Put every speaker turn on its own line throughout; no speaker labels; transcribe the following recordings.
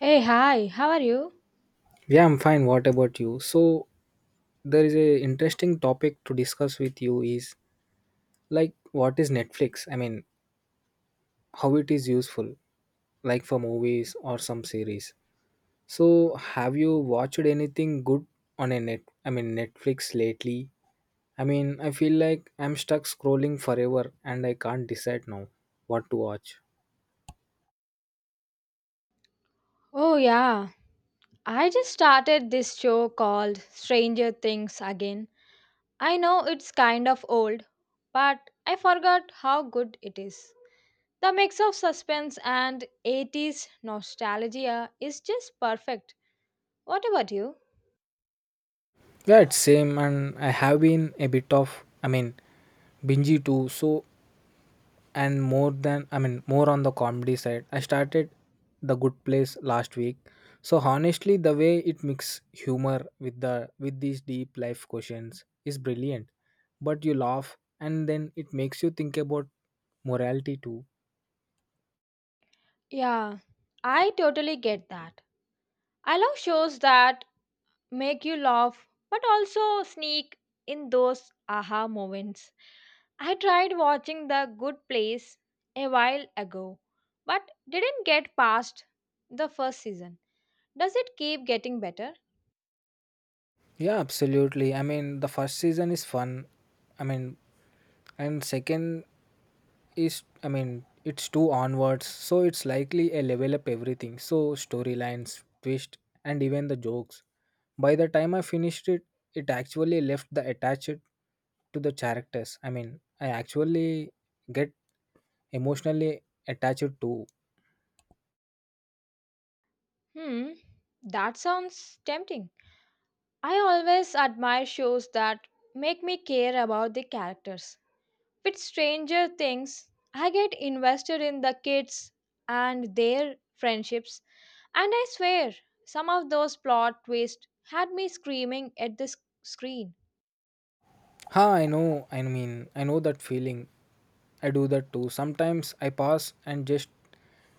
Hey, hi, how are you?
Yeah, I'm fine. What about you? So there is a interesting topic to discuss with you is, like, what is Netflix? I mean, how it is useful, like for movies or some series. So have you watched anything good on a net I mean Netflix lately? I mean, I feel like I'm stuck scrolling forever and I can't decide now what to watch.
Oh, yeah. I just started this show called Stranger Things again. I know it's kind of old, but I forgot how good it is. The mix of suspense and '80s nostalgia is just perfect. What about you?
Yeah, it's same and I have been a bit of, I mean, bingy too. So and more than, I mean, more on the comedy side, I started The Good Place last week. So honestly, the way it mix humor with these deep life questions is brilliant, but you laugh and then it makes you think about morality too.
Yeah, I totally get that. I love shows that make you laugh but also sneak in those aha moments. I tried watching The Good Place a while ago but didn't get past the first season. Does it keep getting better?
Yeah, absolutely. I mean, the first season is fun, I mean, and second is, I mean, it's two onwards, so it's likely a level up everything. So storylines, twist, and even the jokes. By the time I finished it, it actually left the attached to the characters. I mean, I actually get emotionally attached to.
Hmm, that sounds tempting. I always admire shows that make me care about the characters. With Stranger Things, I get invested in the kids and their friendships, and I swear some of those plot twists had me screaming at the screen.
Ha, I know. I mean, I know that feeling. I do that too. Sometimes I pass and just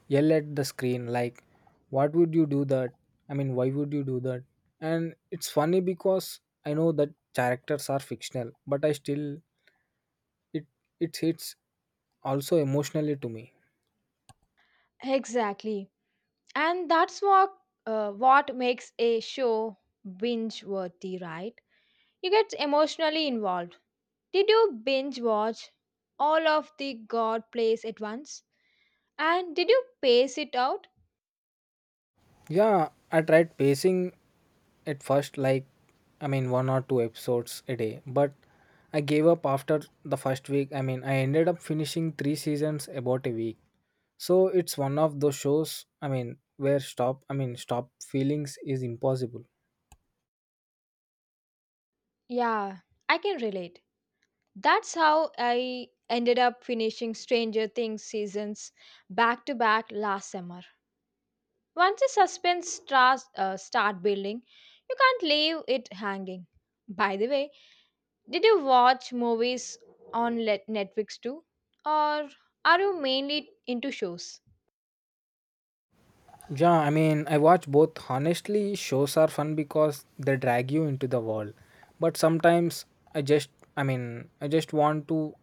yell at the screen like, "What would you do that?" I mean, why would you do that? And it's funny because I know that characters are fictional, but I still it it hits also emotionally to me.
Exactly. And that's what makes a show binge worthy, right? You get emotionally involved. Did you binge watch all of the God plays at once? And did you pace it out?
Yeah, I tried pacing at first, like, I mean, one or two episodes a day, but I gave up after the first week. I mean, I ended up finishing three seasons about a week. So it's one of those shows, I mean, where stop, I mean, stop feelings is impossible.
Yeah, I can relate. That's how I ended up finishing Stranger Things seasons back to back last summer. Once the suspense starts start building, you can't leave it hanging. By the way, did you watch movies on Netflix too, or are you mainly into shows?
Yeah, I mean, I watch both. Honestly, shows are fun because they drag you into the world. But sometimes I just, I mean, I just want to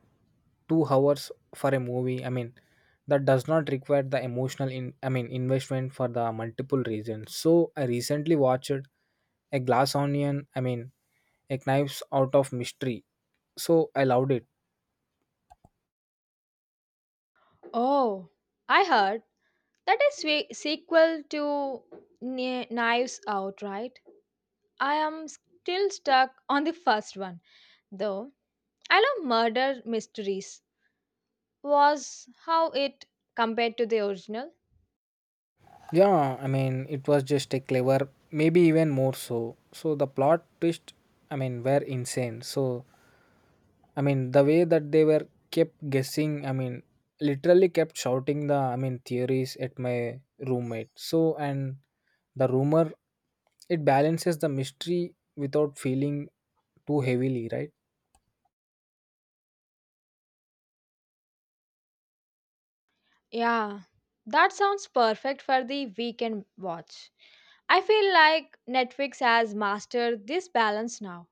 2 hours for a movie. I mean, that does not require the emotional in, I mean, investment for the multiple reasons. So I recently watched a glass onion. I mean, a knives out of mystery. So I loved it.
Oh, I heard that is sequel to Knives Out, right? I am still stuck on the first one, though. I love Murder Mysteries. Was how it compared to the original?
Yeah, I mean, it was just a clever, maybe even more so. So the plot twist, I mean, were insane. So, I mean, the way that they were kept guessing, I mean, literally kept shouting the, I mean, theories at my roommate. So, and the rumor, it balances the mystery without feeling too heavily, right?
Yeah, that sounds perfect for the weekend watch. I feel like Netflix has mastered this balance now.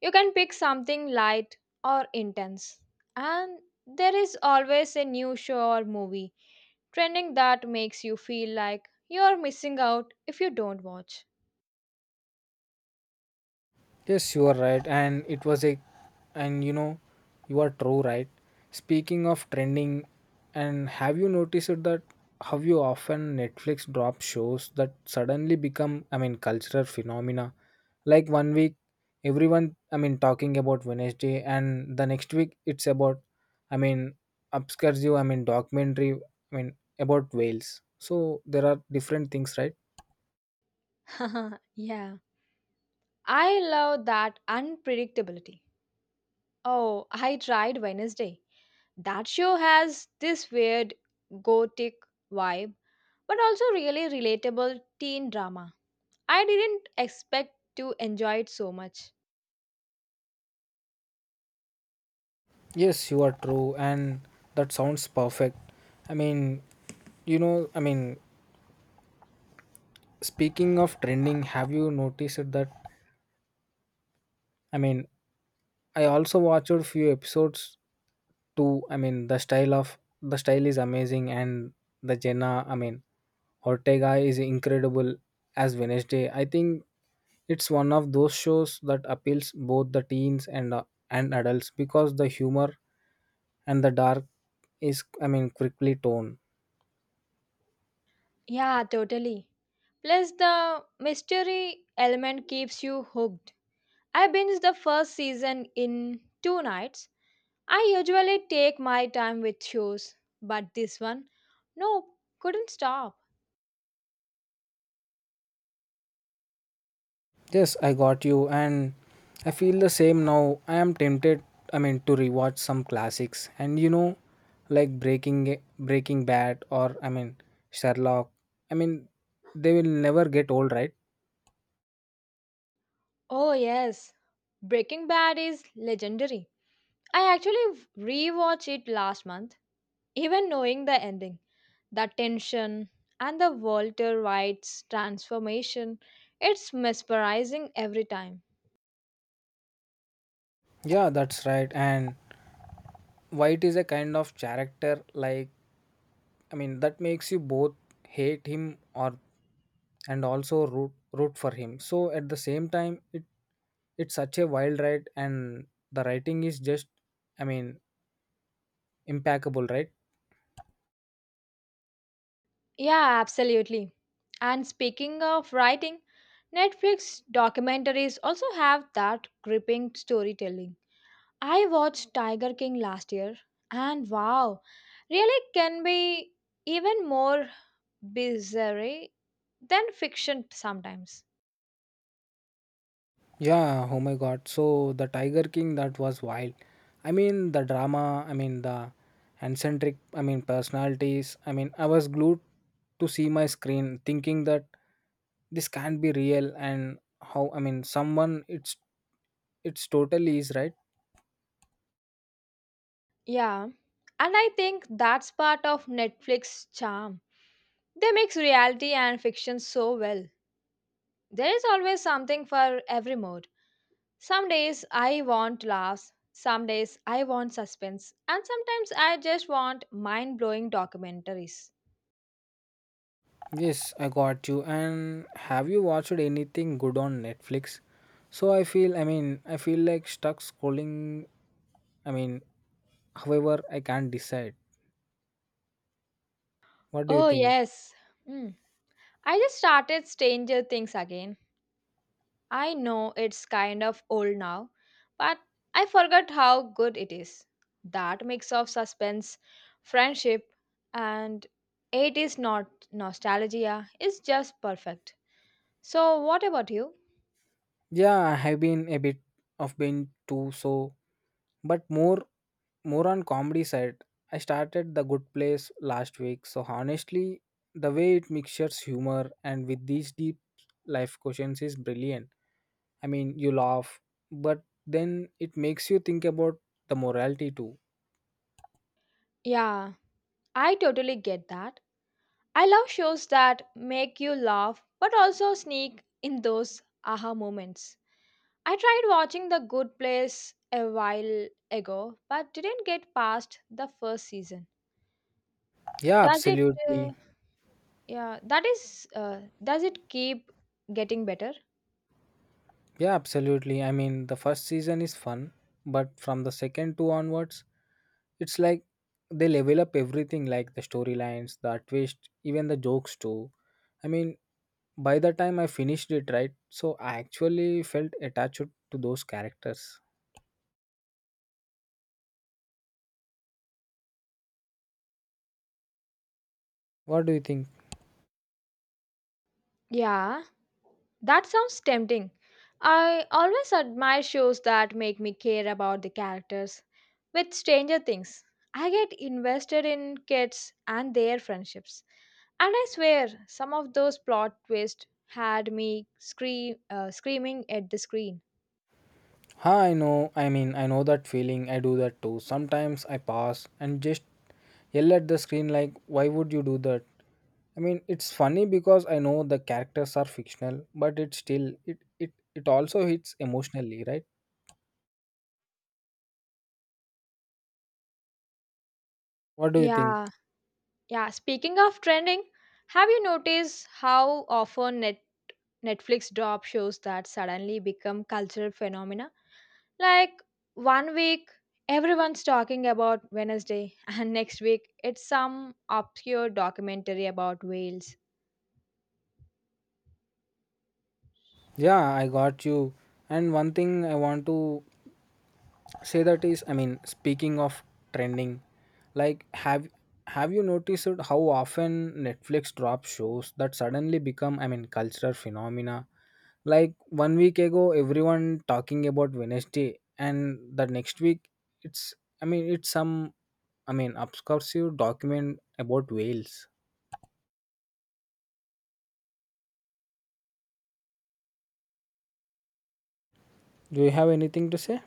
You can pick something light or intense, and there is always a new show or movie trending that makes you feel like you're missing out if you don't watch.
Yes, you are right, and it was a, and you know, you are true, right? Speaking of trending, and have you noticed that how you often Netflix drop shows that suddenly become, I mean, cultural phenomena? Like one week, everyone, I mean, talking about Wednesday, and the next week it's about, I mean, obscure, I mean, documentary, I mean, about whales. So there are different things, right?
Yeah, I love that unpredictability. Oh, I tried Wednesday. That show has this weird gothic vibe, but also really relatable teen drama. I didn't expect to enjoy it so much.
Yes, you are true, and that sounds perfect. I mean, you know, I mean, speaking of trending, have you noticed that? I mean, I also watched a few episodes too. I mean, the style of the style is amazing, and the Jenna, I mean, Ortega is incredible as Wednesday. I think it's one of those shows that appeals both the teens and adults because the humor and the dark is, I mean, quickly toned.
Yeah, totally. Plus, the mystery element keeps you hooked. I binged the first season in 2 nights. I usually take my time with shows, but this one, no, couldn't stop.
Yes, I got you, and I feel the same now. I am tempted, I mean, to rewatch some classics, and you know, like Breaking Bad or, I mean, Sherlock. I mean, they will never get old, right?
Oh, yes, Breaking Bad is legendary. I actually rewatched it last month, even knowing the ending. The tension and the Walter White's transformation, it's mesmerizing every time.
Yeah, that's right. And White is a kind of character, like, I mean, that makes you both hate him or and also root for him. So at the same time, it it's such a wild ride, and the writing is just, I mean, impeccable, right?
Yeah, absolutely. And speaking of writing, Netflix documentaries also have that gripping storytelling. I watched Tiger King last year, and wow, really can be even more bizarre than fiction sometimes.
Yeah, oh my god. So the Tiger King, that was wild. I mean, the drama, I mean, the eccentric, I mean, personalities. I mean, I was glued to see my screen thinking that this can't be real and how, I mean, someone it's totally is, right?
Yeah. And I think that's part of Netflix charm. They mix reality and fiction so well. There is always something for every mood. Some days I want laughs, some days I want suspense, and sometimes I just want mind blowing documentaries.
Yes, I got you. And have you watched anything good on Netflix? So I feel, I mean, I feel like stuck scrolling, I mean, however I can't decide. What do you
Oh,
think?
yes. Mm. I just started Stranger Things again. I know it's kind of old now, but I forgot how good it is. That mix of suspense, friendship, and it is not nostalgia is just perfect. So, what about you?
Yeah, I have been a bit of been too, so, but more on comedy side. I started The Good Place last week, so honestly, the way it mixtures humor and with these deep life questions is brilliant. I mean, you laugh, but then it makes you think about the morality too.
Yeah, I totally get that. I love shows that make you laugh but also sneak in those aha moments. I tried watching The Good Place a while ago but didn't get past the first season.
Yeah,
Does it uh,
absolutely.
Yeah, that is. Does it keep getting better?
Yeah, absolutely. I mean, the first season is fun, but from the second two onwards, it's like they level up everything, like the storylines, the twist, even the jokes too. I mean, by the time I finished it, right? So I actually felt attached to those characters. What do you think?
Yeah, that sounds tempting. I always admire shows that make me care about the characters. With Stranger Things, I get invested in kids and their friendships. And I swear, some of those plot twists had me screaming at the screen.
Huh, I know. I mean, I know that feeling. I do that too. Sometimes I pass and just yell at the screen like, "Why would you do that?" I mean, it's funny because I know the characters are fictional, but it still it it it also hits emotionally, right? What do you think?
yeah. Yeah, speaking of trending, have you noticed how often Netflix drop shows that suddenly become cultural phenomena? Like one week everyone's talking about Wednesday and next week it's some obscure documentary about whales.
Yeah, I got you. And one thing I want to say that is, I mean, speaking of trending, like have you noticed how often Netflix drops shows that suddenly become, I mean, cultural phenomena? Like one week ago, everyone talking about Wednesday, and the next week, it's, I mean, it's some, I mean, obscure document about whales. Do you have anything to say?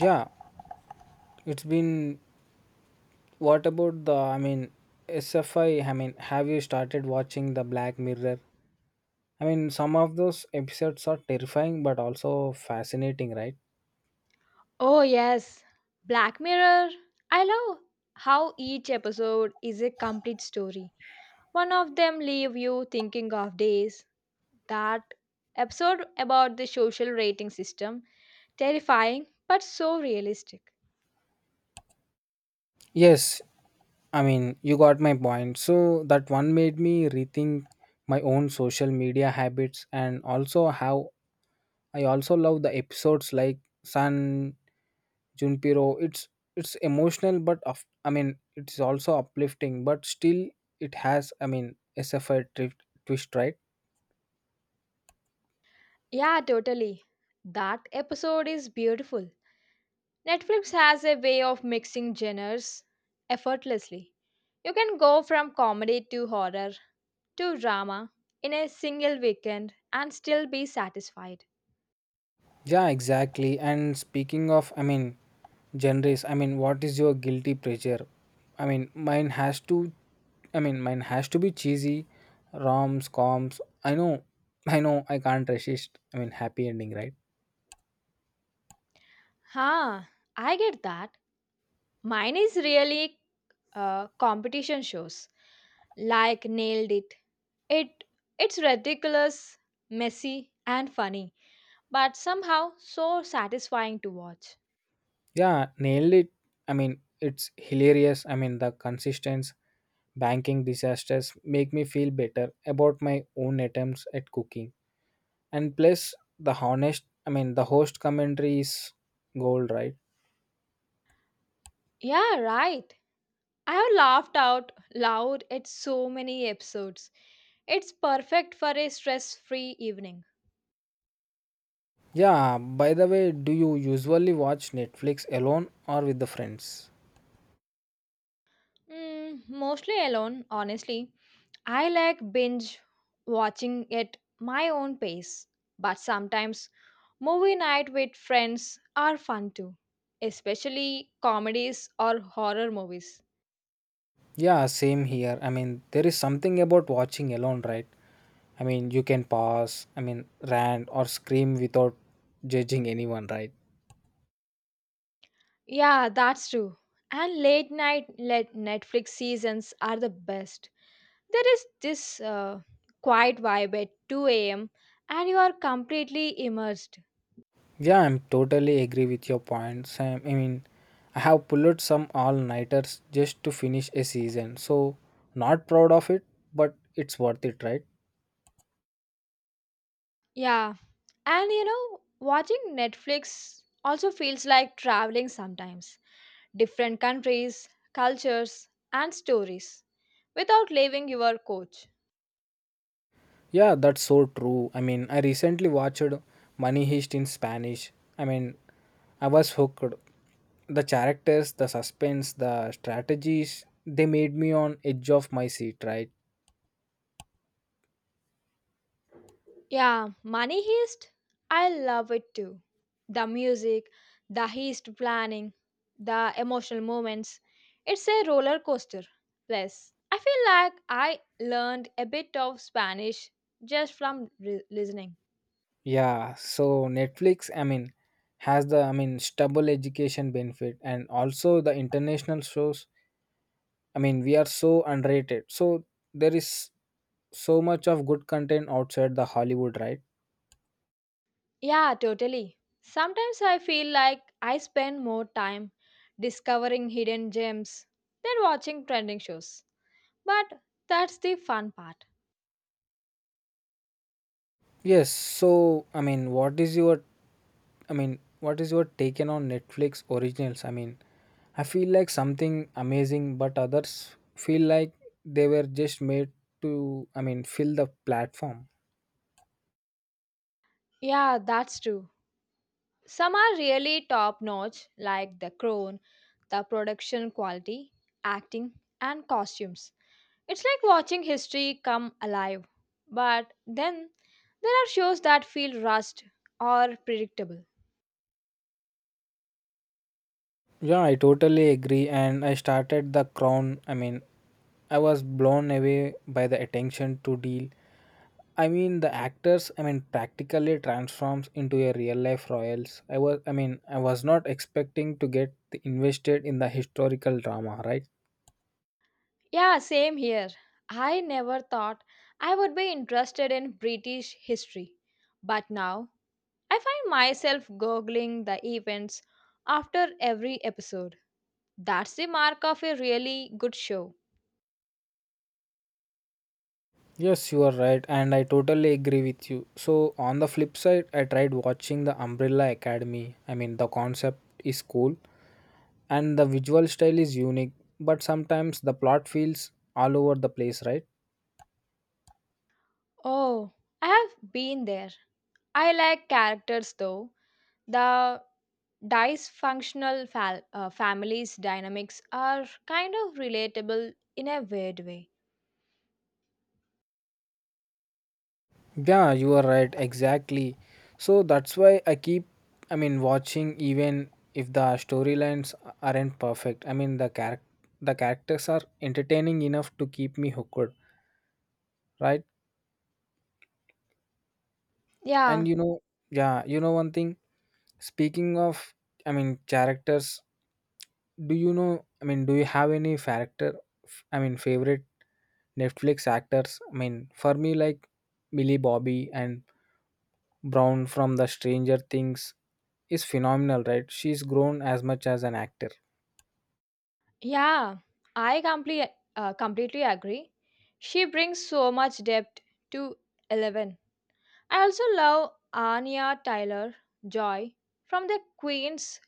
Yeah, it's been. What about the, I mean, SFI. I mean, have you started watching the Black Mirror? I mean, some of those episodes are terrifying but also fascinating, right?
Oh yes, Black Mirror. I love how each episode is a complete story. One of them leave you thinking of days. That episode about the social rating system terrifying but so realistic.
Yes, I mean, you got my point. So that one made me rethink my own social media habits and also how I also love the episodes like San Junpiro. It's emotional, but of, I mean, it's also uplifting, but still it has, I mean, SFI twist, right?
Yeah, totally. That episode is beautiful. Netflix has a way of mixing genres effortlessly. You can go from comedy to horror to drama in a single weekend and still be satisfied.
Yeah, exactly. And speaking of, I mean, genres, I mean, what is your guilty pleasure? I mean, mine has to, I mean, mine has to be cheesy, roms, coms. I know, I know, I can't resist. I mean, happy ending, right?
Huh, I get that. Mine is really competition shows. Like nailed it. It it's ridiculous, messy and funny, but somehow so satisfying to watch.
Yeah, nailed it. I mean, it's hilarious. I mean, the consistence, banking disasters make me feel better about my own attempts at cooking. And plus, the honest, I mean, the host commentary is gold, right?
Yeah, right. I have laughed out loud at so many episodes. It's perfect for a stress free evening.
Yeah, by the way, do you usually watch Netflix alone or with the friends?
Mm, mostly alone, honestly. I like binge watching at my own pace, but sometimes movie night with friends are fun too, especially comedies or horror movies.
Yeah, same here. I mean, there is something about watching alone, right? I mean, you can pause, I mean, rant or scream without judging anyone, right?
Yeah, that's true. And late night let Netflix seasons are the best. There is this quiet vibe at 2 a.m. and you are completely immersed.
Yeah, I'm totally agree with your points. I mean, I have pulled some all-nighters just to finish a season. So, not proud of it, but it's worth it, right?
Yeah, and you know, watching Netflix also feels like traveling sometimes. Different countries, cultures, and stories without leaving your couch.
Yeah, that's so true. I mean, I recently watched Money Heist in Spanish. I mean, I was hooked. The characters, the suspense, the strategies, they made me on edge of my seat, right?
Yeah, Money Heist, I love it too. The music, the heist planning, the emotional moments. It's a roller coaster. Plus, I feel like I learned a bit of Spanish just from listening.
Yeah, so Netflix, I mean, has the, I mean, stable education benefit and also the international shows. I mean, we are so underrated. So there is so much of good content outside the Hollywood, right?
Yeah, totally. Sometimes I feel like I spend more time discovering hidden gems than watching trending shows. But that's the fun part.
Yes, so I mean, what is your, I mean, what is your taken on Netflix originals? I mean, I feel like something amazing, but others feel like they were just made to, I mean, fill the platform.
Yeah, that's true. Some are really top notch, like The Crown, the production quality, acting, and costumes. It's like watching history come alive. But then there are shows that feel rushed or predictable.
Yeah, I totally agree. And I started The Crown. I mean, I was blown away by the attention to deal. I mean, the actors, I mean, practically transforms into a real life royals. I was, I mean, I was not expecting to get invested in the historical drama, right?
Yeah, same here. I never thought I would be interested in British history. But now I find myself googling the events after every episode. That's the mark of a really good show.
Yes, you are right, and I totally agree with you. So, on the flip side, I tried watching the Umbrella Academy. I mean, the concept is cool and the visual style is unique, but sometimes the plot feels all over the place, right?
Oh, I have been there. I like characters though. The dysfunctional families dynamics are kind of relatable in a weird way.
Yeah, you are right, exactly. So, that's why I keep, I mean, watching even if the storylines aren't perfect. I mean, the the characters are entertaining enough to keep me hooked, right? And
Yeah,
you know, yeah, you know one thing. Speaking of, I mean, characters, do you know, I mean, do you have any character, favorite Netflix actors? I mean, for me, like Millie Bobby and Brown from the Stranger Things is phenomenal, right? She's grown as much as an actor.
yeah, I completely agree. She brings so much depth to Eleven. I also love Anya Tyler Joy from the Queen's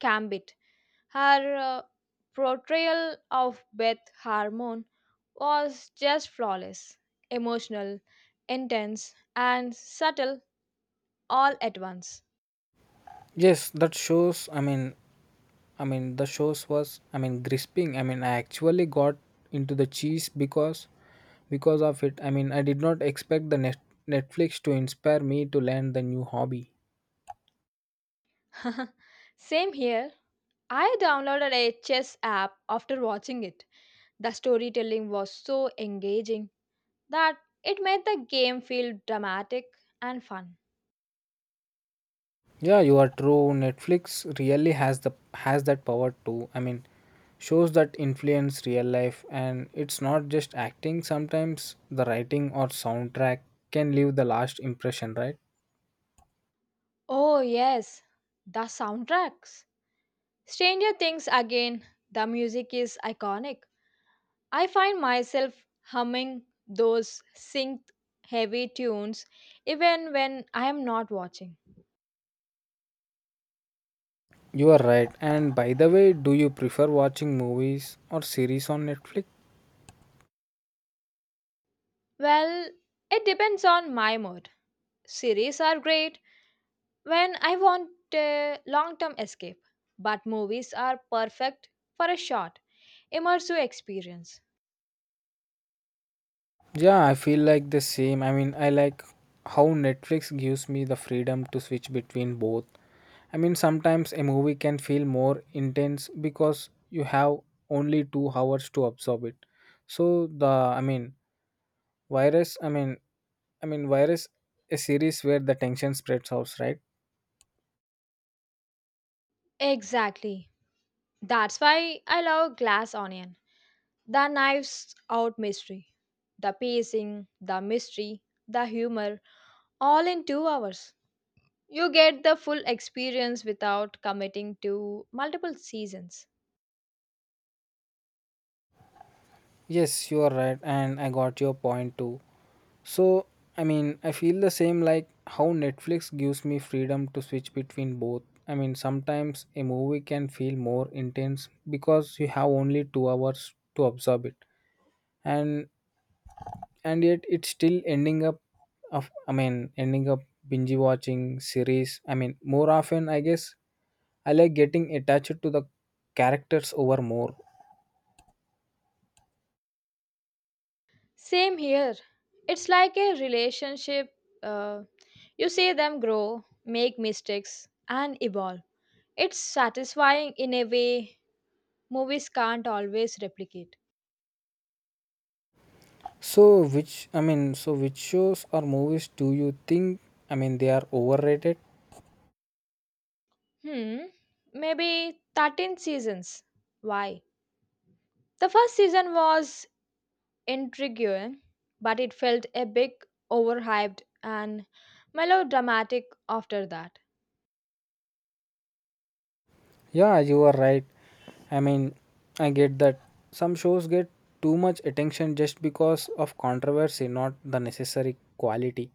Gambit. Her portrayal of Beth Harmon was just flawless, emotional, intense, and subtle all at once.
Yes, that shows, I mean, the shows was, I mean, gripping. I mean, I actually got into the cheese because of it. I mean, I did not expect the Netflix to inspire me to learn the new hobby.
Same here. I downloaded a chess app after watching it. The storytelling was so engaging that it made the game feel dramatic and fun.
Yeah, you are true. Netflix really has the has that power too. Shows that influence real life and it's not just acting. Sometimes the writing or soundtrack can leave the last impression, right?
Oh, yes, the soundtracks. Stranger Things again, the music is iconic. I find myself humming those synced heavy tunes even when I am not watching.
You are right. And by the way, do you prefer watching movies or series on Netflix?
Well, it depends on my mood. Series are great when I want a long term escape, but movies are perfect for a short, immersive experience.
Yeah, I feel like the same. I like how Netflix gives me the freedom to switch between both. Sometimes a movie can feel more intense because you have only 2 hours to absorb it. So the I mean, virus, I mean Virus a series where the tension spreads out, right?
Exactly. That's why I love Glass Onion. The knives out mystery, the pacing, the mystery, the humor, all in 2 hours. You get the full experience without committing to multiple seasons.
Yes, you are right and I got your point too. So, I feel the same like how Netflix gives me freedom to switch between both. Sometimes a movie can feel more intense because you have only 2 hours to absorb it. And and yet it's still ending up ending up binge watching series. More often I guess I like getting attached to the characters over more.
Same here. It's like a relationship. Uh, you see them grow, make mistakes, and evolve. It's satisfying in a way movies can't always replicate.
So which shows or movies do you think they are overrated?
Hmm, maybe 13 seasons. Why? The first season was intriguing, but it felt a bit overhyped and melodramatic after that.
Yeah, you are right. I mean, I get that some shows get too much attention just because of controversy, not the necessary quality.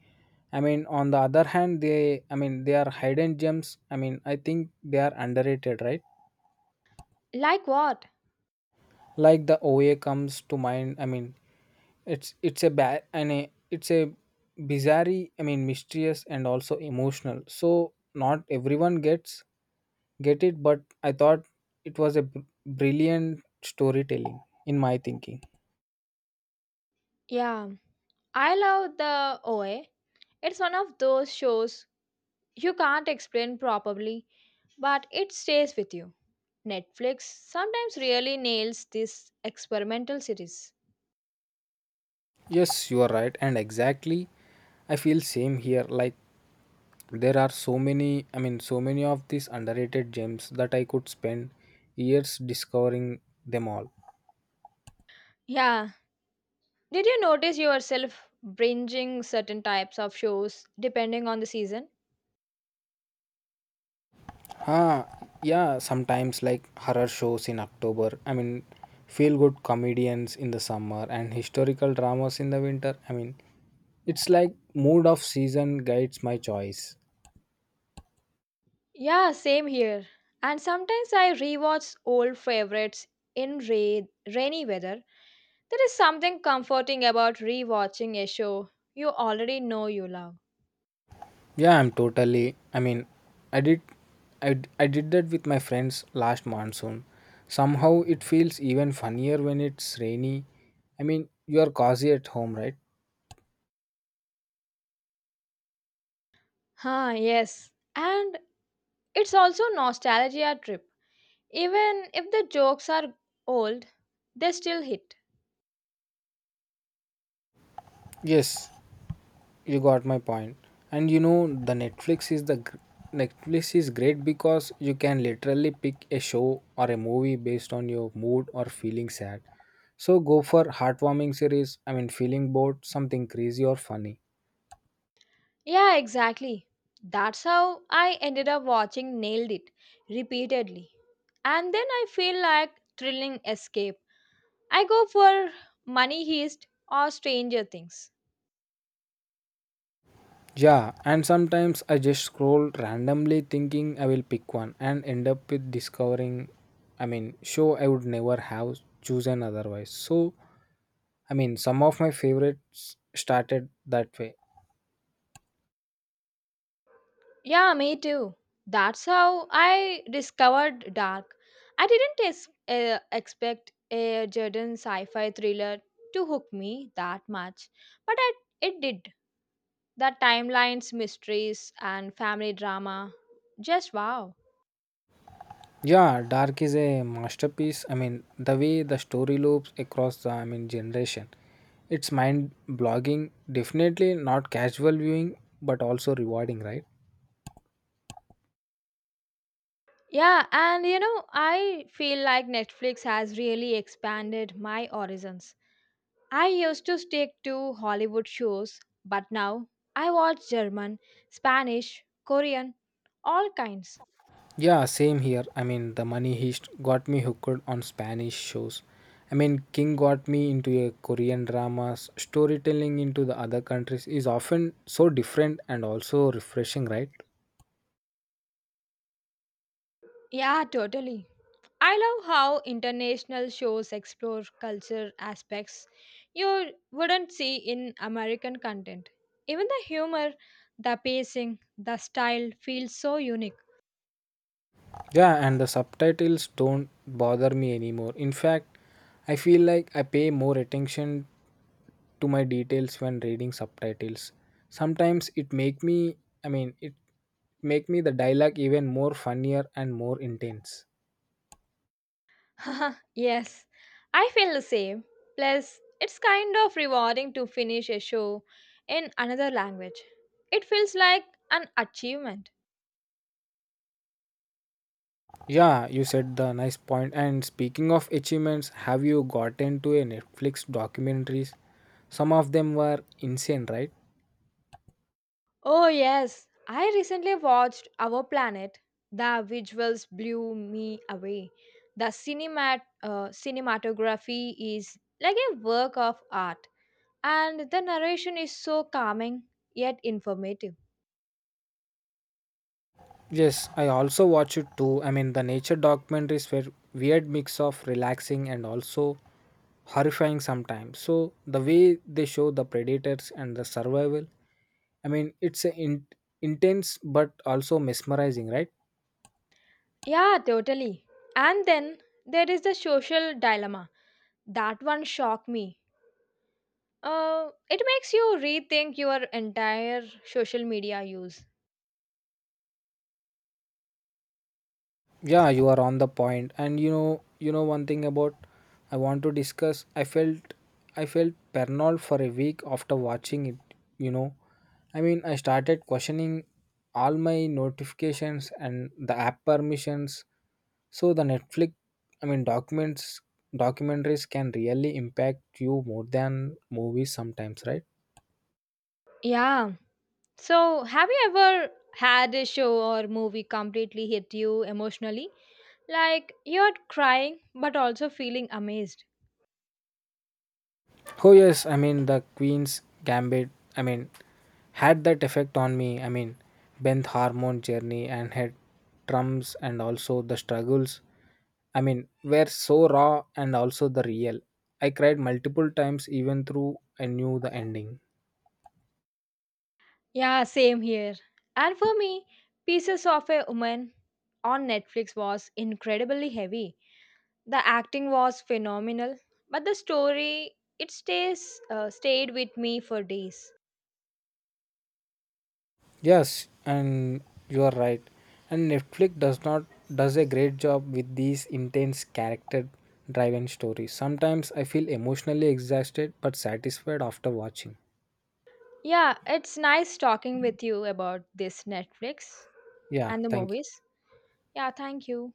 I mean, on the other hand, they are hidden gems. I mean, I think they are underrated, right?
Like what?
Like the OA comes to mind. It's a bad and it's a bizarre, mysterious and also emotional, so not everyone gets get it, but I thought it was a brilliant storytelling in my thinking.
Yeah, I love the OA. It's one of those shows you can't explain properly, but it stays with you. Netflix sometimes really nails this experimental series.
Yes, you are right, and exactly, I feel same here. Like there are so many, so many of these underrated gems that I could spend years discovering them all.
Yeah, did you notice yourself binging certain types of shows depending on the season?
Ah, yeah, sometimes like horror shows in October. I mean, feel good comedians in the summer and historical dramas in the winter. I mean, it's like mood of season guides my choice.
Yeah, same here. And sometimes I rewatch old favorites in rainy weather. There is something comforting about rewatching a show you already know you love.
Yeah, I'm totally. I did, I did that with my friends last monsoon. Somehow it feels even funnier when it's rainy. I mean, you are cozy at home, right?
Ah, yes. And it's also nostalgia trip. Even if the jokes are old, they still hit.
Yes, you got my point, and you know, the Netflix is the Netflix is great because you can literally pick a show or a movie based on your mood, or feeling sad, so go for heartwarming series. I mean, feeling bored, something crazy or funny.
Yeah, exactly. That's how I ended up watching Nailed It repeatedly. And then I feel like thrilling escape. I go for Money Heist or Stranger Things.
Yeah, and sometimes I just scroll randomly thinking I will pick one and end up with discovering, show I would never have chosen otherwise. So, I mean, some of my favorites started that way.
Yeah, me too. That's how I discovered Dark. I didn't expect a Jordan sci fi thriller to hook me that much, but it did. The timelines, mysteries, and family drama just wow.
Yeah, Dark is a masterpiece. I mean, the way the story loops across the, generation. It's mind blogging, definitely not casual viewing, but also rewarding, right?
Yeah, and you know, I feel like Netflix has really expanded my horizons. I used to stick to Hollywood shows, but now I watch German, Spanish, Korean, all kinds.
Yeah, same here. I mean, the Money Heist got me hooked on Spanish shows. I mean, King got me into a Korean dramas. Storytelling into the other countries is often so different and also refreshing, right?
Yeah, totally. I love how international shows explore culture aspects you wouldn't see in American content. Even the humor, the pacing, the style feels so unique.
Yeah, and the subtitles don't bother me anymore. In fact, I feel like I pay more attention to my details when reading subtitles. Sometimes it make me the dialogue even more funnier and more intense.
Haha, yes, I feel the same. Plus, it's kind of rewarding to finish a show in another language. It feels like an achievement.
Yeah, you said the nice point. And speaking of achievements, have you gotten to a Netflix documentaries? Some of them were insane, right?
Oh, yes, I recently watched Our Planet. The visuals blew me away. The cinematography is like a work of art, and the narration is so calming yet informative.
Yes, I also watch it too. I mean, the nature documentaries were weird mix of relaxing and also horrifying sometimes, so the way they show the predators and the survival, i mean it's a in- intense but also mesmerizing, right?
Yeah, totally. And then there is the social dilemma. That one shocked me. It makes you rethink your entire social media use.
Yeah, you are on the point. And you know, one thing about I want to discuss, I felt paranoid for a week after watching it, you know. I started questioning all my notifications and the app permissions. So the Netflix, I mean, documents, documentaries can really impact you more than movies sometimes, right?
Yeah. So, have you ever had a show or movie completely hit you emotionally? Like, you're crying but also feeling amazed.
Oh yes, I mean the Queen's Gambit. I mean, Had that effect on me. I mean, Benth hormone journey and had drums and also the struggles. Were so raw and also the real. I cried multiple times even through I knew the ending.
Yeah, same here. And for me, Pieces of a Woman on Netflix was incredibly heavy. The acting was phenomenal, but the story, it stays stayed with me for days.
Yes, and you are right. And Netflix does not does a great job with these intense character driven stories. Sometimes I feel emotionally exhausted but satisfied after watching.
Yeah, it's nice talking with you about this Netflix
Yeah,
and the
thank you.
movies. Yeah, thank you.